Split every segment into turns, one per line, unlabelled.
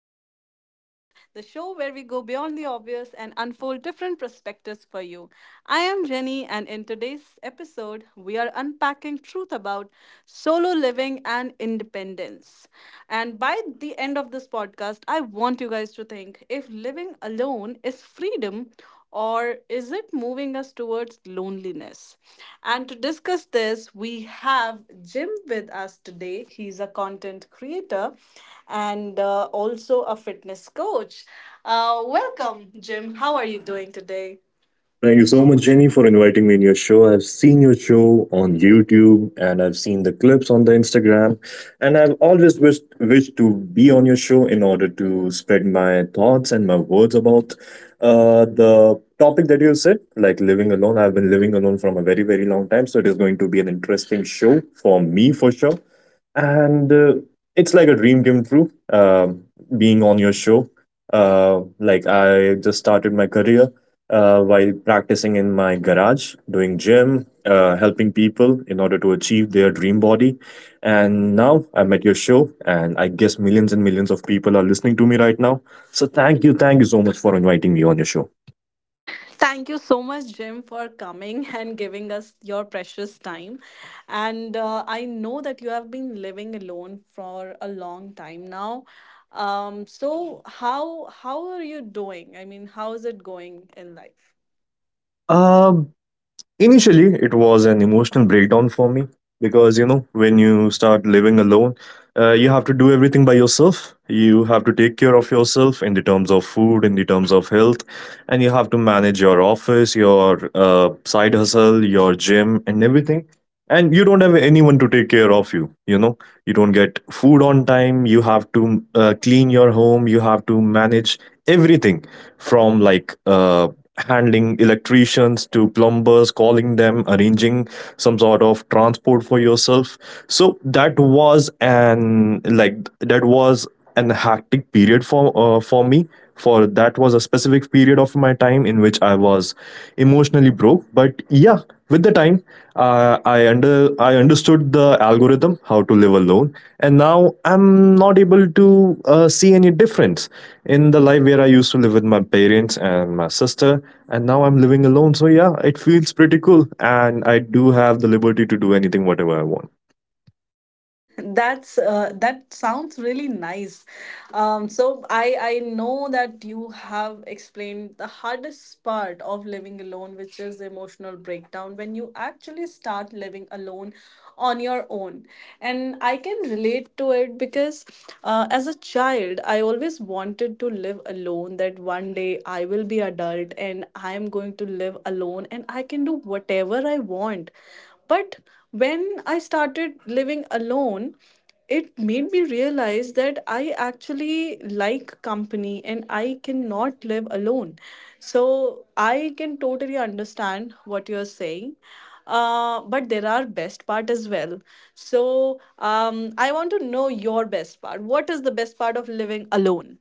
Unplugged Thoughts, the show where we go beyond the obvious and unfold different perspectives for you. I am Jenny, and in today's episode, we are unpacking truth about solo living and independence. And by the end of this podcast, I want you guys to think if living alone is freedom or is it moving us towards loneliness? And to discuss this, we have Jim with us today. He's a content creator and also a fitness coach. Welcome, Jim. How are you doing today?
Thank
Thank
you
you so
so much,
much, Jim.
Jenny, for inviting me in your show. I've seen your show on YouTube and I've seen the clips on the Instagram. And I've always wished to be on your show in order to spread my thoughts and my words about the topic that you said, like living alone. I've been living alone from a very, very long time. So it is going to be an interesting show for me for sure and it's like a dream come true. Being on your show, like I just started my career, while practicing in my garage doing gym, helping people in order to achieve their dream body. And now I'm at your show, and I guess millions and millions of people are listening to me right now. So thank you, thank you so much for inviting me on your show.
Thank you so much, Jim, for coming and giving us your precious time. And I know that you have been living alone for a long time now. So how are you doing? I mean, how is it going in life?
Uh, Initially, it was an emotional breakdown for me because, you know, when you start living alone, you have to do everything by yourself. You have to take care of yourself in the terms of food, in the terms of health, and you have to manage your office, your side hustle, your gym, and everything, and you don't have anyone to take care of you, you know. You don't get food on time. You have to clean your home, you have to manage everything, from like handling electricians to plumbers, calling them, arranging some sort of transport for yourself. So that was an, like, that was an hectic period for me. For that was a specific period of my time in which I was emotionally broke. But yeah, with the time, I understood the algorithm how to live alone, and now I'm not able to see any difference in the life where I used to live with my parents and my sister, and now I'm living alone. So yeah, it feels pretty cool, and I do have the liberty to do anything whatever I want.
That sounds really nice. So I know that you have explained the hardest part of living alone, which is the emotional breakdown when you actually start living alone on your own. And I can relate to it because as a child, I always wanted to live alone. That one day I will be adult and I am going to live alone and I can do whatever I want, but when I started living alone, it made me realize that I actually like company and I cannot live alone. So I can totally understand what you're saying. But there are best part as well. So I want to know your best part. What is the best part of living alone?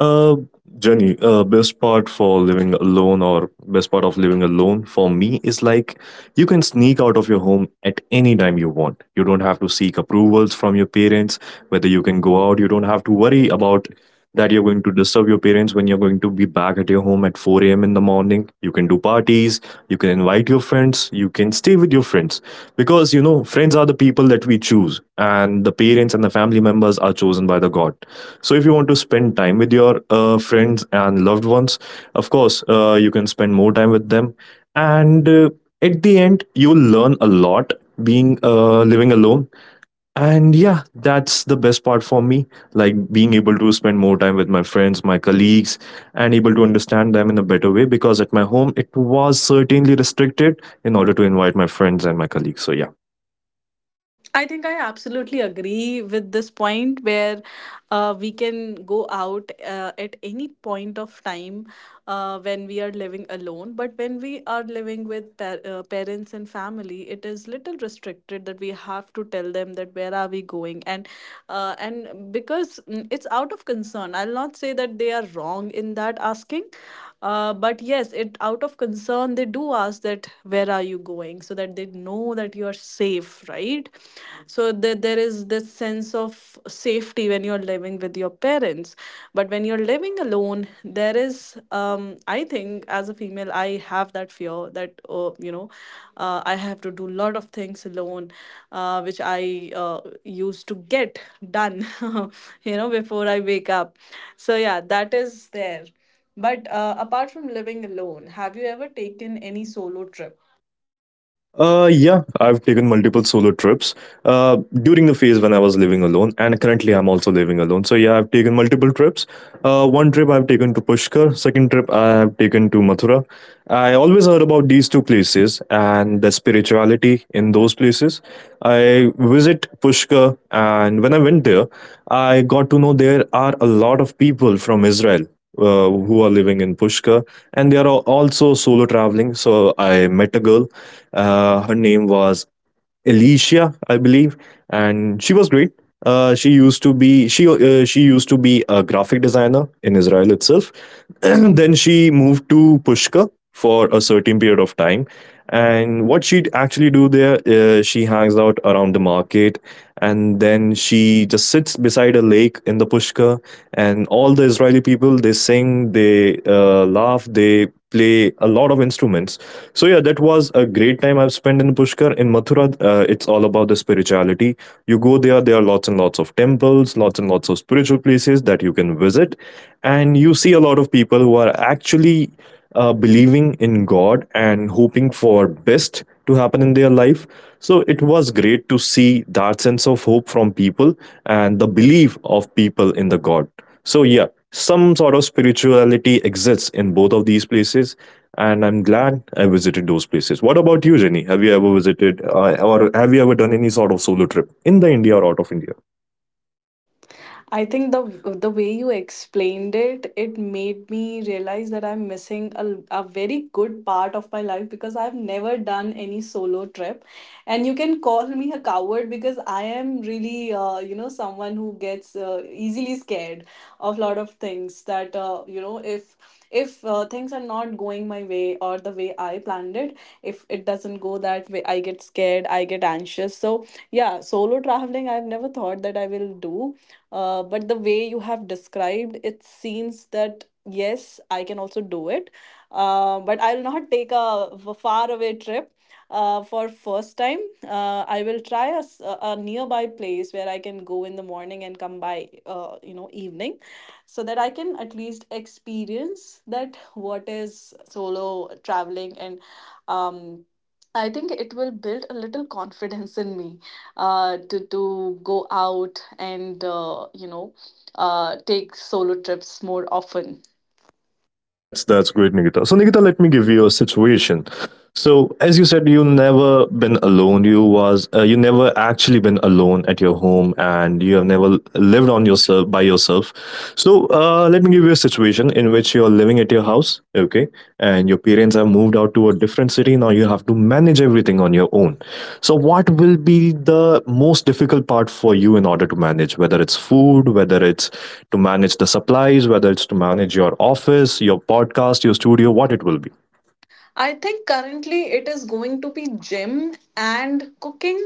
Uh, Jenny, best part for living alone, or best part of living alone for me, is like you can sneak out of your home at any time you want. You don't have to seek approvals from your parents, whether you can go out. You don't have to worry about that you're going to disturb your parents when you're going to be back at your home at 4 a.m. in the morning. You can do parties, you can invite your friends, you can stay with your friends. Because, you know, friends are the people that we choose, and the parents and the family members are chosen by the God. So if you want to spend time with your friends and loved ones, of course, you can spend more time with them. And at the end, you will learn a lot being living alone. And yeah, that's the best part for me. Like being able to spend more time with my friends, my colleagues, and able to understand them in a better way, because at my home it was certainly restricted in order to invite my friends and my colleagues. So yeah.
I think I absolutely agree with this point where we can go out at any point of time when we are living alone. But when we are living with parents and family, it is little restricted that we have to tell them that where are we going, and because it's out of concern. I'll not say that they are wrong in that asking, but yes, it out of concern they do ask that where are you going so that they know that you are safe, right? So that there is this sense of safety when you're living with your parents, but when you're living alone, there is, I think, as a female, I have that fear that I have to do a lot of things alone, which I used to get done before I wake up. So yeah, that is there. But apart from living alone, have you ever taken any solo trip?
Yeah, I've taken multiple solo trips during the phase when I was living alone, and currently I'm also living alone. So yeah, I've taken multiple trips. One trip I've taken to Pushkar, second trip I have taken to Mathura. I always heard about these two places and the spirituality in those places. I visit Pushkar, and when I went there, I got to know there are a lot of people from Israel who are living in Pushkar, and they are also solo traveling. So I met a girl. Her name was Alicia, I believe, and she was great. She used to be a graphic designer in Israel itself. Then she moved to Pushka for a certain period of time. And what she'd actually do there, she hangs out around the market, and then she just sits beside a lake in the Pushka, and all the Israeli people, they sing, they laugh, they play a lot of instruments. So yeah, that was a great time I've spent in Pushkar. In Mathura, it's all about the spirituality. You go there, there are lots and lots of temples, lots and lots of spiritual places that you can visit, and you see a lot of people who are actually believing in God and hoping for best to happen in their life. So it was great to see that sense of hope from people and the belief of people in the God. So yeah, some sort of spirituality exists in both of these places, and I'm glad I visited those places. What about you, Jenny? Have you ever visited, or have you ever done any sort of solo trip in the India or out of India?
I think the way you explained it, it made me realize that I'm missing a very good part of my life because I've never done any solo trip. And you can call me a coward because I am really, someone who gets easily scared of lot of things that, if things are not going my way or the way I planned it, if it doesn't go that way, I get scared, I get anxious. So yeah, solo traveling, I've never thought that I will do, but the way you have described, it seems that yes, I can also do it. But I'll not take a far away trip for first time. I will try a nearby place where I can go in the morning and come by, evening, so that I can at least experience that what is solo traveling. And um, I think it will build a little confidence in me to go out and take solo trips more often.
That's great, Nikita. So Nikita, let me give you a situation. So as you said, you never been alone. You never actually been alone at your home, and you have never lived on yourself by yourself. So let me give you a situation in which you are living at your house. Okay, and your parents have moved out to a different city. Now you have to manage everything on your own. So what will be the most difficult part for you in order to manage, whether it's food, whether it's to manage the supplies, whether it's to manage your office, your podcast, your studio? What it will be?
I think currently it is going to be gym and cooking,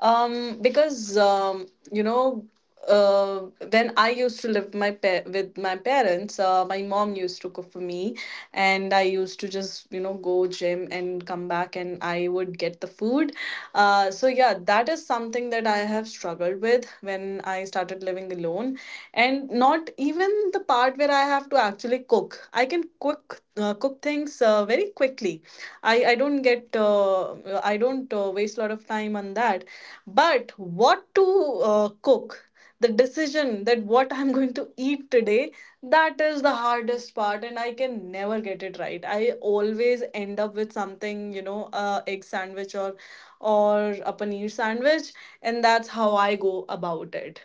because uh, when I used to live with my parents, my mom used to cook for me, and I used to just go gym and come back, and I would get the food. So yeah, that is something that I have struggled with when I started living alone, and not even the part where I have to actually cook. I can cook things very quickly. I don't get I don't waste a lot of time on that. But what to cook, the decision that what I'm going to eat today, that is the hardest part, and I can never get it right. I always end up with something, a egg sandwich or a paneer sandwich, and that's how I go about it.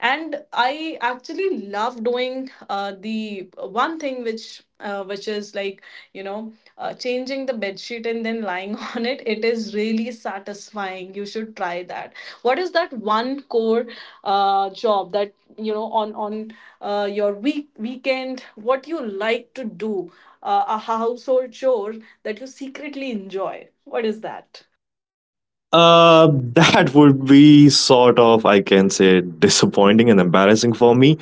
And I actually love doing, the one thing which is like, you know changing the bed sheet and then lying on it is really satisfying. You should try that. What is that one core job that, on your weekend, what you like to do, a household chore that you secretly enjoy? What is that?
That would be sort of, I can say, disappointing and embarrassing for me.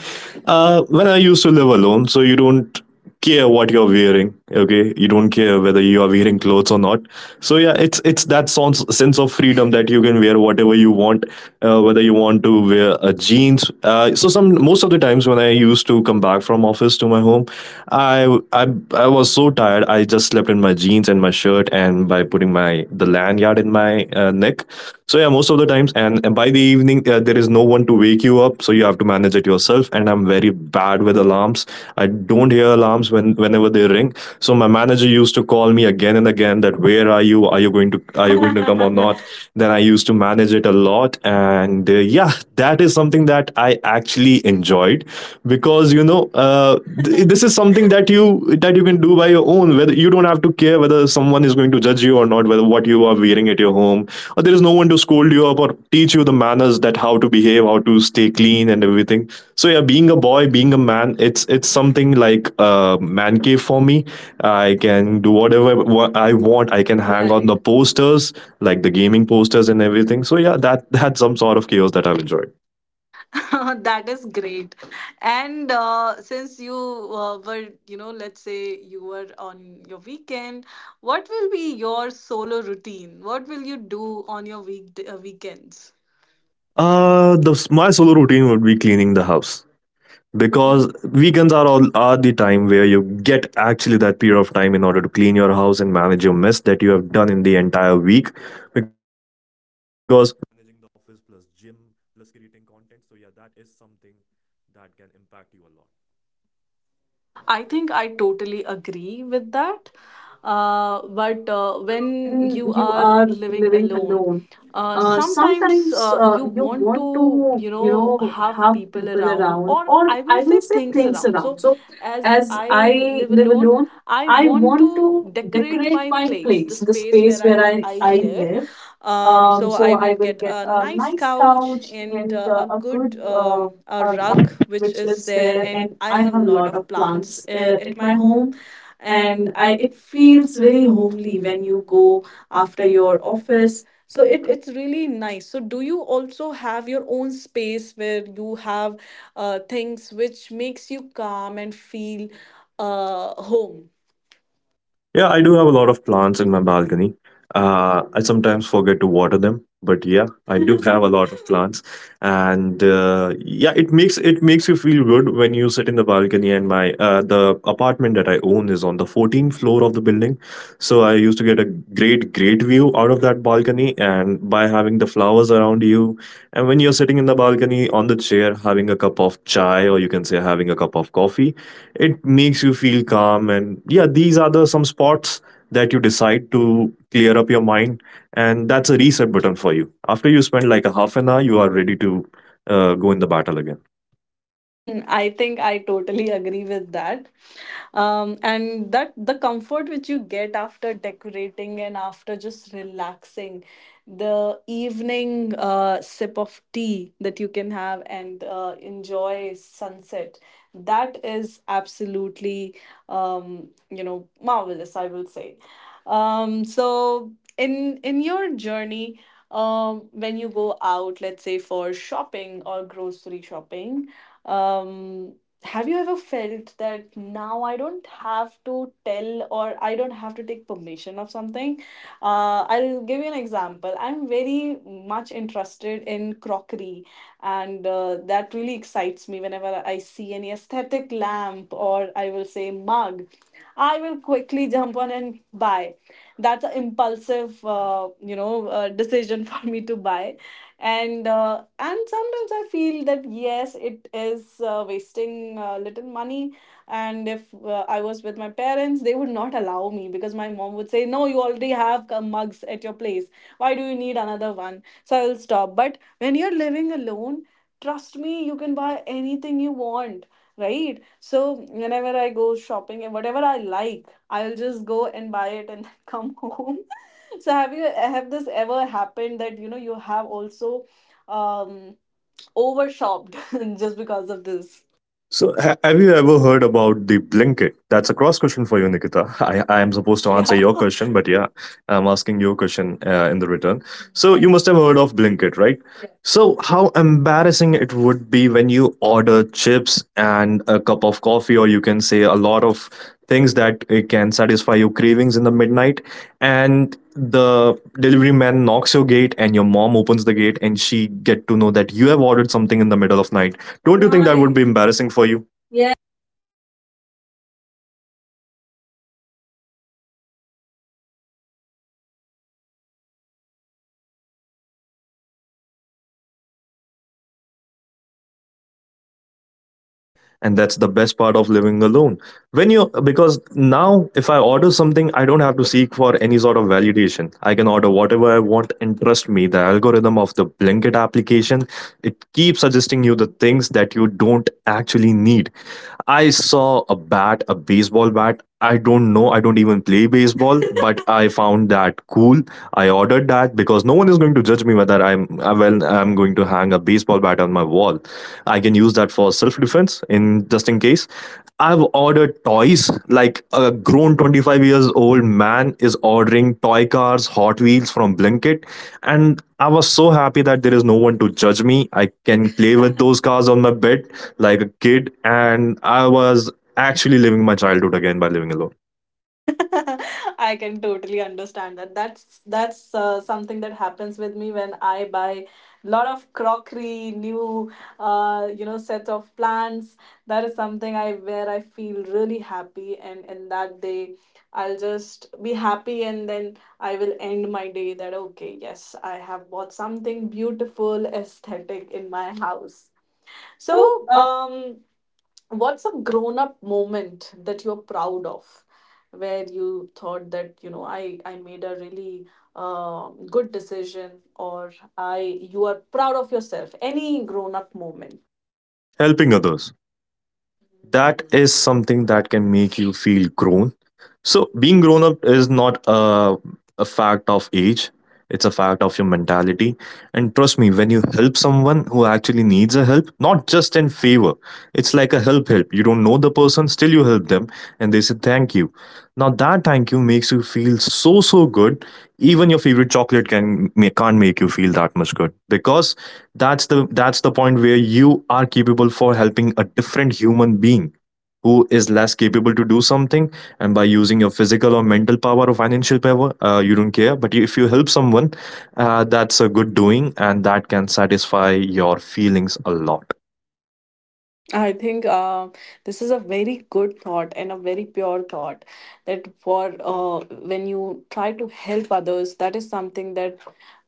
When I used to live alone, so you don't care what you're wearing. Okay, you don't care whether you are wearing clothes or not. So yeah, it's that sense of freedom that you can wear whatever you want, whether you want to wear a jeans. So some most of the times when I used to come back from office to my home, I I I was so tired. I just slept in my jeans and my shirt, and by putting my the lanyard in my neck. So yeah, most of the times. And by the evening, there is no one to wake you up, so you have to manage it yourself, and I'm very bad with alarms. I don't hear alarms when whenever they ring. So my manager used to call me again and again that where are you, are you going to, are you going to come or not? Then I used to manage it a lot. And yeah, that is something that I actually enjoyed, because you know, uh, this is something that you, that you can do by your own, whether you don't have to care whether someone is going to judge you or not, whether what you are wearing at your home. There is no one to scold you up or teach you the manners that how to behave, how to stay clean, and everything. So yeah, being a boy, being a man, it's something like a man cave for me. I can do whatever I want. I can hang on the posters, like the gaming posters and everything. So yeah, that that's some sort of chaos that I've enjoyed.
That is great. And since you were, let's say you were on your weekend, what will be your solo routine? What will you do on your weekends?
The my solo routine would be cleaning the house, because weekends are all are the time where you get actually that period of time in order to clean your house and manage your mess that you have done in the entire week. Because
I think I totally agree with that. But when you are living alone, sometimes you want to, have people around, or I will say things around. So, as I live alone, I want to decorate my place, the space where I live, So I will get a nice couch and a good, a rug which is there, and I have a lot of plants at my home, and I it feels very homely when you go after your office. So it's really nice. So do you also have your own space where you have, things which makes you calm and feel home?
yeah, I do have a lot of plants in my balcony. I sometimes forget to water them, but yeah, I do have a lot of plants, and yeah, it makes you feel good when you sit in the balcony. And my the apartment that I own is on the 14th floor of the building, so I used to get a great view out of that balcony. And by having the flowers around you, and when you're sitting in the balcony on the chair having a cup of chai, or you can say having a cup of coffee, it makes you feel calm. And yeah, these are the some spots that you decide to clear up your mind, and that's a reset button for you. After you spend like a half an hour, you are ready to go in the battle again.
I think I totally agree with that. And that the comfort which you get after decorating and after just relaxing, the evening sip of tea that you can have and enjoy sunset, that is absolutely, marvelous, I will say. So in your journey, when you go out, let's say for shopping or grocery shopping, um, have you ever felt that now I don't have to tell or I don't have to take permission of something? I'll give you an example. I'm very much interested in crockery, and that really excites me whenever I see any aesthetic lamp, or I will say mug. I will quickly jump on and buy. That's an impulsive, decision for me to buy. And sometimes I feel that yes, yes it is wasting little money. And if I was with my parents, they would not allow me, because my mom would say, no, you already have mugs at your place, why do you need another one? So I'll stop. But when you're living alone, trust me, you can buy anything you want, right? So whenever I go shopping and whatever I like, I'll just go and buy it, and then come home. So have this ever happened that, you have also um overshopped just because of this?
So have you ever heard about the blanket? That's a cross question for you, Nikita. I am supposed to
Yeah.
answer your question, but yeah, I'm asking your question in the return. So you must have heard of blanket, right? So, how embarrassing it would be when you order chips and a cup of coffee, or you can say a lot of things that can satisfy your cravings in the midnight, and the delivery man knocks your gate, and your mom opens the gate, and she get to know that you have ordered something in the middle of night. Don't you think that would, Right., be, Right., embarrassing for you? And that's the best part of living alone. When you, because now if I order something, I don't have to seek for any sort of validation. I can order whatever I want, and trust me, the algorithm of the blanket application, it keeps suggesting you the things that you don't actually need. I saw a bat, a baseball bat. I don't know. I don't even play baseball, but I found that cool. I ordered that because no one is going to judge me whether I'm well. I'm going to hang a baseball bat on my wall. I can use that for self defense in just in case. I've ordered toys like a grown 25 years old man is ordering toy cars, Hot Wheels from Blinkit, and I was so happy that there is no one to judge me. I can play with those cars on my bed like a kid, and I was actually living my childhood again by living alone,
I can totally understand that. That's something that happens with me when I buy lot of crockery, new, set of plants. That is something, I where I feel really happy, and in that day, I'll just be happy, and then I will end my day that okay, yes, I have bought something beautiful, aesthetic in my house. So what's a grown up moment that you're proud of, where you thought that, I made a really, good decision, or I you are proud of yourself? Any grown up moment?
helping others. That is something that can make you feel grown. So being grown up is not a, a fact of age. It's a fact of your mentality. And trust me, when you help someone who actually needs a help, not just in favor, it's like a help help. You don't know the person, still you help them, and they say thank you. Now that thank you makes you feel so so good. Even your favorite chocolate can can't make you feel that much good, because that's the point where you are capable for helping a different human being who is less capable to do something, and by using your physical or mental power or financial power, you don't care. But if you help someone, that's a good doing, and that can satisfy your feelings a lot.
I think, this is a very good thought and a very pure thought, that for when you try to help others, that is something that,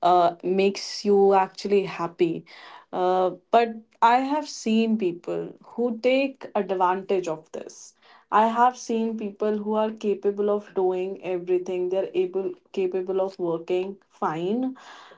makes you actually happy. But I have seen people who take advantage of this. I have seen people who are capable of doing everything. They're able capable of working fine,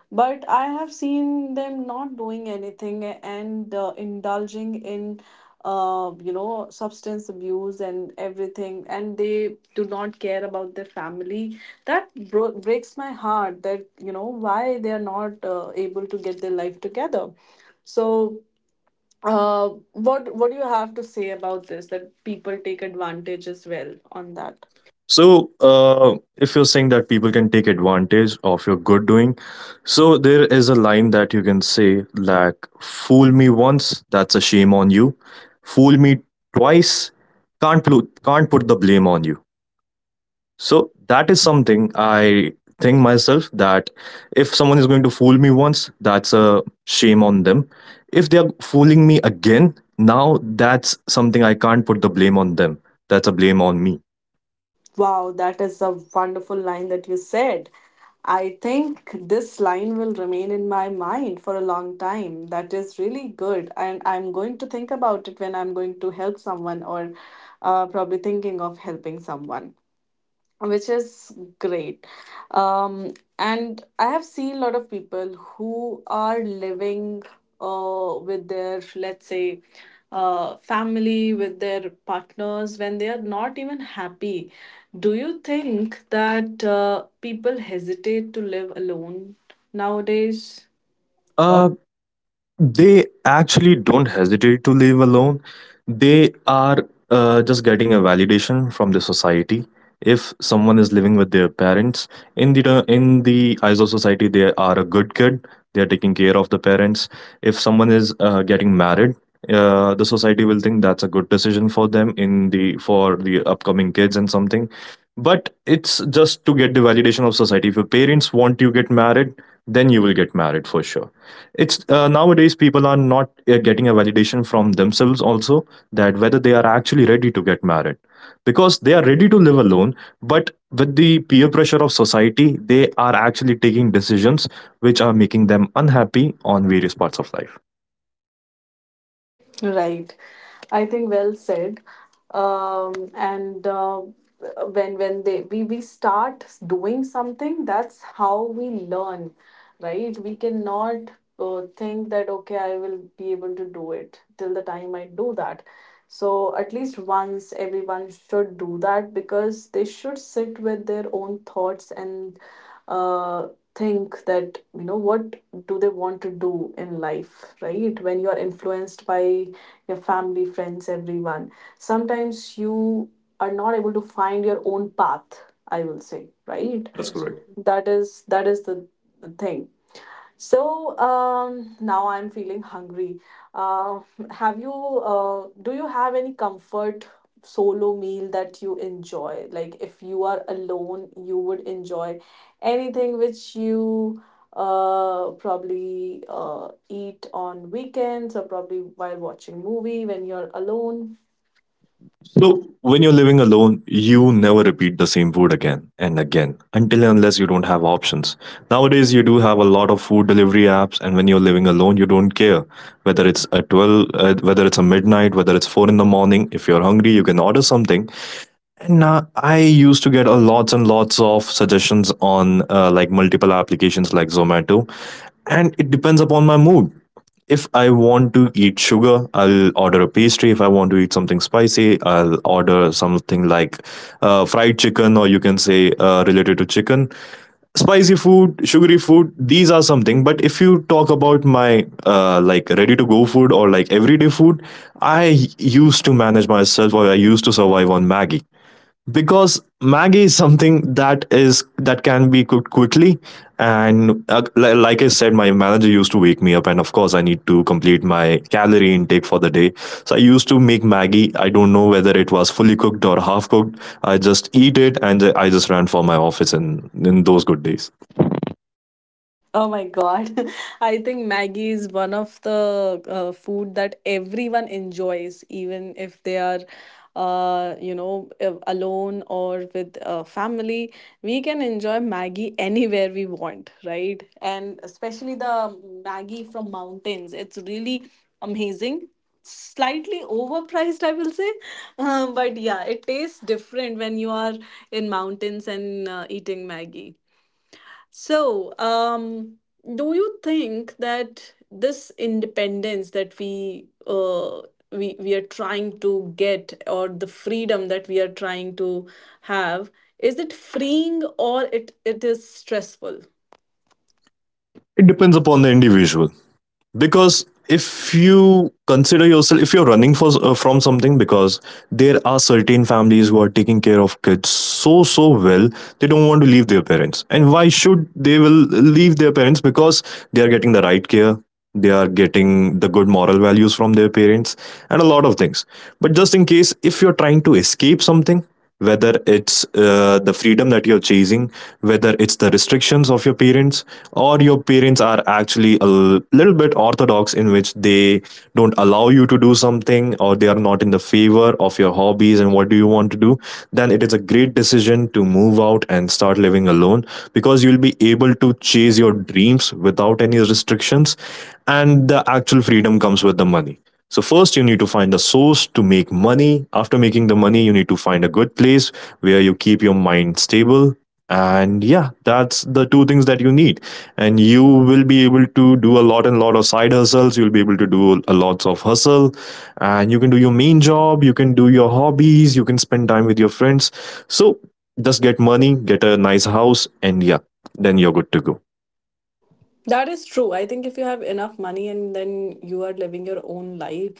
but I have seen them not doing anything and indulging in, substance abuse and everything, and they do not care about their family. That breaks my heart, that, why they are not able to get their life together. So what do you have to say about this, that people take advantage as well on that?
So, if you're saying that people can take advantage of your good doing, so there is a line that you can say, like, fool me once, that's a shame on you. Fool me twice, can't, can't put the blame on you. So, that is something I think myself that if someone is going to fool me once, that's a shame on them. If they are fooling me again, now that's something I can't put the blame on them. That's a blame on me.
Wow, that is a wonderful line that you said. I think this line will remain in my mind for a long time. That is really good. And I'm going to think about it when I'm going to help someone or probably thinking of helping someone which is great. And I have seen a lot of people who are living with their, let's say, family, with their partners when they are not even happy. Do you think that people hesitate to live alone nowadays?
Uh, They actually don't hesitate to live alone. They are just getting a validation from the society. If someone is living with their parents, in the in the eyes of society, they are a good kid. They are taking care of the parents. If someone is getting married, the society will think that's a good decision for them in the for the upcoming kids and something. But it's just to get the validation of society. If your parents want you get married, then you will get married for sure. It's nowadays people are not getting a validation from themselves also, that whether they are actually ready to get married, because they are ready to live alone, but with the peer pressure of society they are actually taking decisions which are making them unhappy on various parts of life.
Right. I think well said. And When we start doing something, that's how we learn, right? We cannot think that okay, I will be able to do it till the time I do that. So at least once everyone should do that because they should sit with their own thoughts and uh, think that you know what do they want to do in life, right? When you are influenced by your family, friends, everyone, sometimes you are not able to find your own path, I will say, right?
That's correct.
That is the thing. So, now I'm feeling hungry. Uh, have you? Do you have any comfort solo meal that you enjoy? Like if you are alone, you would enjoy anything which you probably eat on weekends or probably while watching movie when you're alone.
So, when you're living alone, you never repeat the same food again and again until and unless you don't have options. Nowadays, you do have a lot of food delivery apps, and when you're living alone, you don't care whether it's a 12, whether it's a midnight, whether it's 4 in the morning. If you're hungry, you can order something, and now I used to get a lots and lots of suggestions on like multiple applications like Zomato, and it depends upon my mood. If I want to eat sugar, I'll order a pastry. If I want to eat something spicy, I'll order something like fried chicken, or you can say related to chicken. Spicy food, sugary food, these are something. But if you talk about my like ready to go food or like everyday food, I used to manage myself or I used to survive on Maggie, because Maggi is something that is that can be cooked quickly, and like I said, my manager used to wake me up, and of course I need to complete my calorie intake for the day, so I used to make Maggi. I don't know whether it was fully cooked or half cooked. I just eat it, and I just ran for my office in those good days.
Oh my God. I think Maggie is one of the food that everyone enjoys, even if they are, alone or with family. We can enjoy Maggie anywhere we want, right? And especially the Maggie from mountains. It's really amazing. Slightly overpriced, I will say. But yeah, it tastes different when you are in mountains and eating Maggie. So, do you think that this independence that we are trying to get, or the freedom that we are trying to have, is it freeing or it is stressful?
It depends upon the individual, because if you consider yourself, if you're running for from something, because there are certain families who are taking care of kids so so well, they don't want to leave their parents. And why should they will leave their parents? Because they are getting the right care, they are getting the good moral values from their parents, and a lot of things. But just in case, if you're trying to escape something, whether it's the freedom that you're chasing, whether it's the restrictions of your parents, or your parents are actually a little bit orthodox in which they don't allow you to do something, or they are not in the favor of your hobbies and what do you want to do, then it is a great decision to move out and start living alone, because you'll be able to chase your dreams without any restrictions. And the actual freedom comes with the money. So first you need to find a source to make money. After making the money, you need to find a good place where you keep your mind stable, and yeah, that's the two things that you need. And you will be able to do a lot and lot of side hustles, you'll be able to do a lots of hustle, and you can do your main job, you can do your hobbies, you can spend time with your friends. So just get money, get a nice house, and yeah, then you're good to go.
That is true. I think if you have enough money and then you are living your own life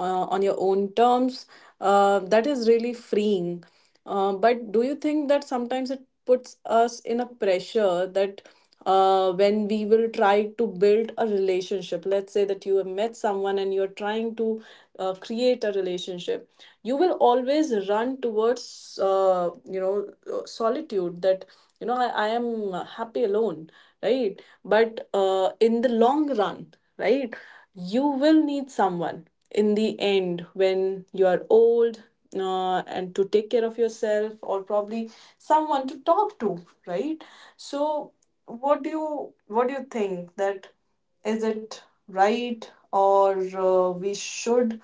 uh, on your own terms, that is really freeing. But do you think that sometimes it puts us in a pressure that when we will try to build a relationship, let's say that you have met someone and you're trying to create a relationship, you will always run towards solitude that you know I am happy alone, right? But in the long run, right, you will need someone in the end when you are old, and to take care of yourself or probably someone to talk to, right? So, what do you what do you think? That is it right? Or uh, we should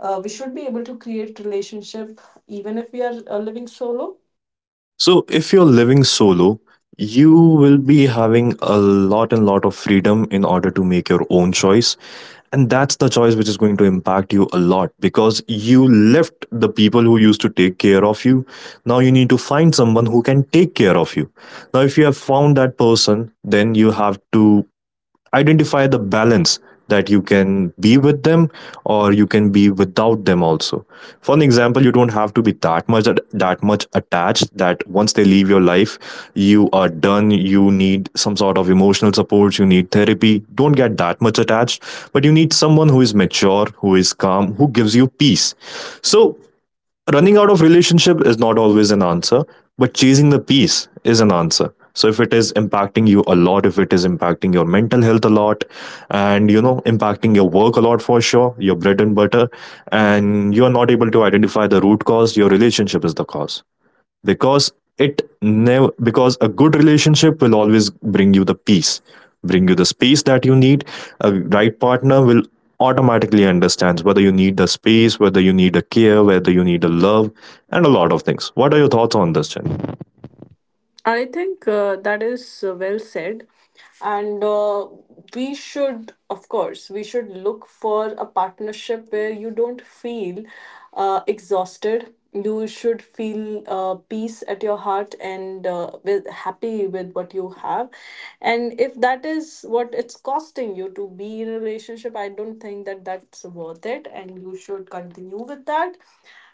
we should be able to create relationship even if we are living solo.
So if you're living solo, you will be having a lot and lot of freedom in order to make your own choice. And that's the choice which is going to impact you a lot, because you left the people who used to take care of you. Now you need to find someone who can take care of you. Now, if you have found that person, then you have to identify the balance that you can be with them or you can be without them also. For an example, you don't have to be that much attached that once they leave your life, you are done, you need some sort of emotional support, you need therapy. Don't get that much attached, but you need someone who is mature, who is calm, who gives you peace. So running out of relationship is not always an answer, but chasing the peace is an answer. So if it is impacting you a lot, if it is impacting your mental health a lot, and you know, impacting your work a lot for sure, your bread and butter, and you are not able to identify the root cause, your relationship is the cause, because it never, because a good relationship will always bring you the peace, bring you the space that you need. A right partner will automatically understands whether you need the space, whether you need a care, whether you need a love, and a lot of things. What are your thoughts on this, Jen?
I think that is well said. And we should, of course, we should look for a partnership where you don't feel exhausted. You should feel peace at your heart and with happy with what you have. And if that is what it's costing you to be in a relationship, I don't think that that's worth it. And you should continue with that.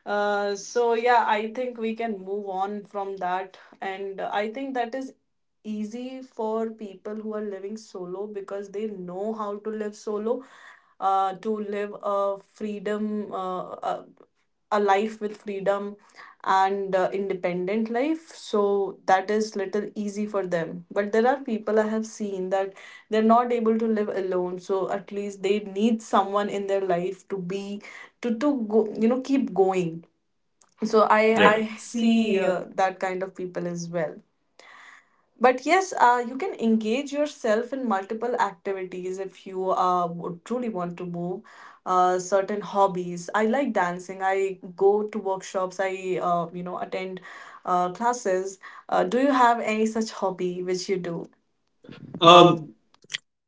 So yeah, I think we can move on from that, and I think that is easy for people who are living solo because they know how to live solo, to live a freedom, a life with freedom and independent life. So that is little easy for them. But there are people I have seen that they're not able to live alone. So at least they need someone in their life to be to go, you know, keep going. So I
Yep.
see that kind of people as well. But yes, you can engage yourself in multiple activities if you would truly want to move. Certain hobbies, I like dancing, I go to workshops, I you know attend classes. Do you have any such hobby which you do?
Um,
Um,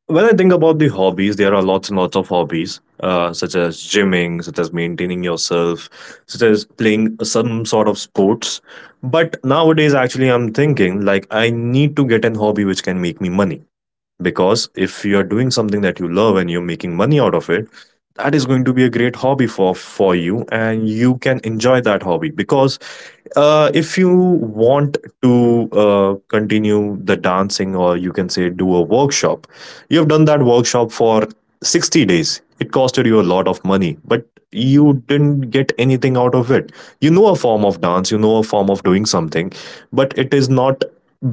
When I think about the hobbies, there are lots and lots of hobbies, such as gymming, such as maintaining yourself, such as playing some sort of sports. But nowadays, actually, I'm thinking like I need to get an hobby which can make me money, because if you are doing something that you love and you're making money out of it, that is going to be a great hobby for you, and you can enjoy that hobby. Because if you want to continue the dancing, or you can say do a workshop, you've done that workshop for 60 days, it costed you a lot of money, but you didn't get anything out of it. You know a form of dance, you know a form of doing something, but it is not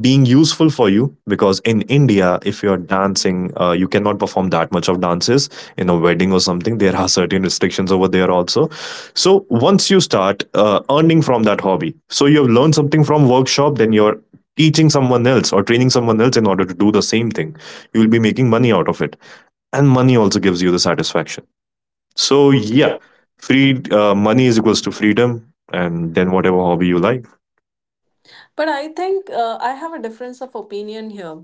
being useful for you, because in India, if you're dancing, you cannot perform that much of dances in a wedding or something. There are certain restrictions over there also. So once you start earning from that hobby, so you've learned something from workshop, then you're teaching someone else or training someone else in order to do the same thing, you will be making money out of it. And money also gives you the satisfaction. So
so
yeah,
yeah.
free money is equals to freedom, and then whatever hobby you like.
But I think I have a difference of opinion here.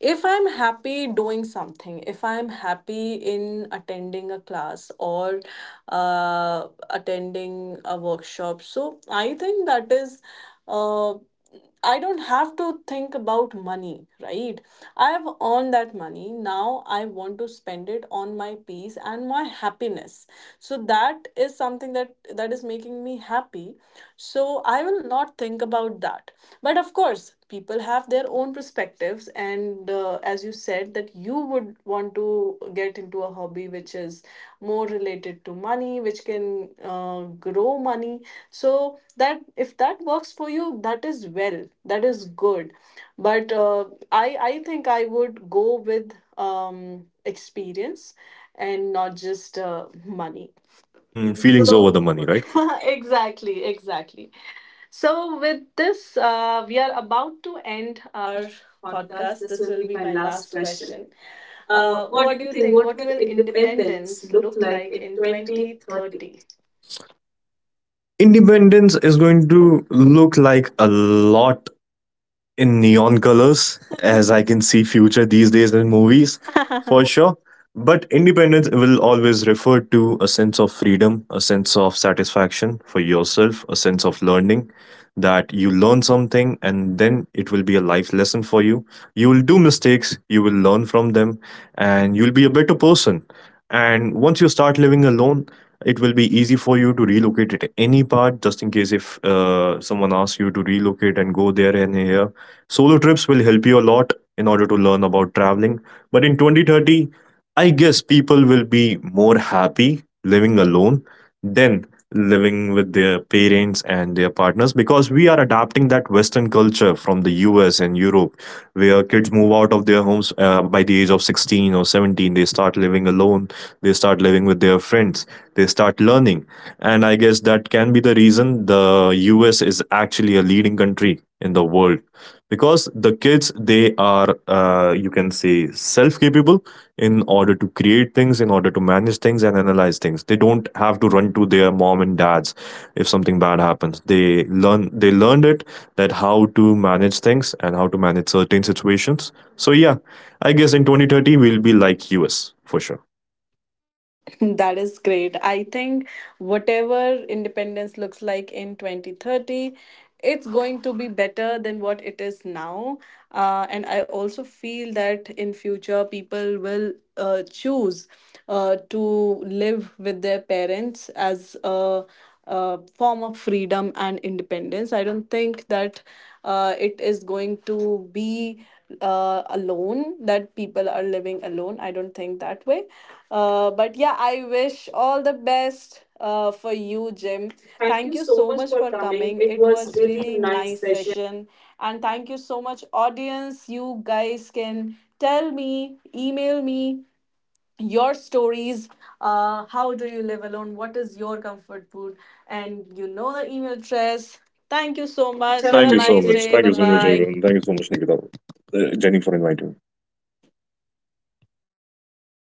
If I'm happy doing something, if I'm happy in attending a class or attending a workshop, so I think that is. Uh, I don't have to think about money, right? I have earned that money. Now I want to spend it on my peace and my happiness. So that is something that that is making me happy. So I will not think about that, but of course people have their own perspectives and, as you said, that you would want to get into a hobby which is more related to money, which can grow money. So that, if that works for you, that is well, that is good. But i I think I would go with experience and not just money.
Mm,
Mm, feelings
feelings
so
over the
over the
money, right?
money. Exactly, exactly. So, with this, we are about to end our podcast. This will be my last question. What do you think? What will independence look like in 2030?
Independence is going to look like a lot in neon colors, as I can see future these days in movies, for sure. But independence will always refer to a sense of freedom, a sense of satisfaction for yourself, a sense of learning that you learn something and then it will be a life lesson for you. You will do mistakes, you will learn from them, and you'll be a better person. And once you start living alone, it will be easy for you to relocate at any part just in case if someone asks you to relocate and go there and here. Solo trips will help you a lot in order to learn about traveling. But in 2030, I guess people will be more happy living alone than living with their parents and their partners, because we are adapting that Western culture from the US and Europe, where kids move out of their homes by the age of 16 or 17. They start living alone, they start living with their friends, they start learning. And I guess that can be the reason the US is actually a leading country in the world, because the kids, they are you can say self capable in order to create things, in order to manage things and analyze things. They don't have to run to their mom and dads. If something bad happens, they learn, they learned it, that how to manage things and how to manage certain situations. So yeah, I guess in 2030 we'll be like US for sure.
That is great. I think whatever independence looks like in 2030, it's going to be better than what it is now. And I also feel that in future people will choose to live with their parents as a form of freedom and independence. I don't think that it is going to be alone, that people are living alone. I don't think that way. But yeah, I wish all the best for you, Jim. Thank you so much for coming. It was really nice session, and thank you so much, audience. You guys can tell me, email me your stories. How do you live alone? What is your comfort food? And you know the email address. Thank you so much. Have
Thank
a
you so
nice
much.
day.
Thank
Bye
you so much, everyone.
bye.
Thank you so much, Nikita, Jenny, for inviting me.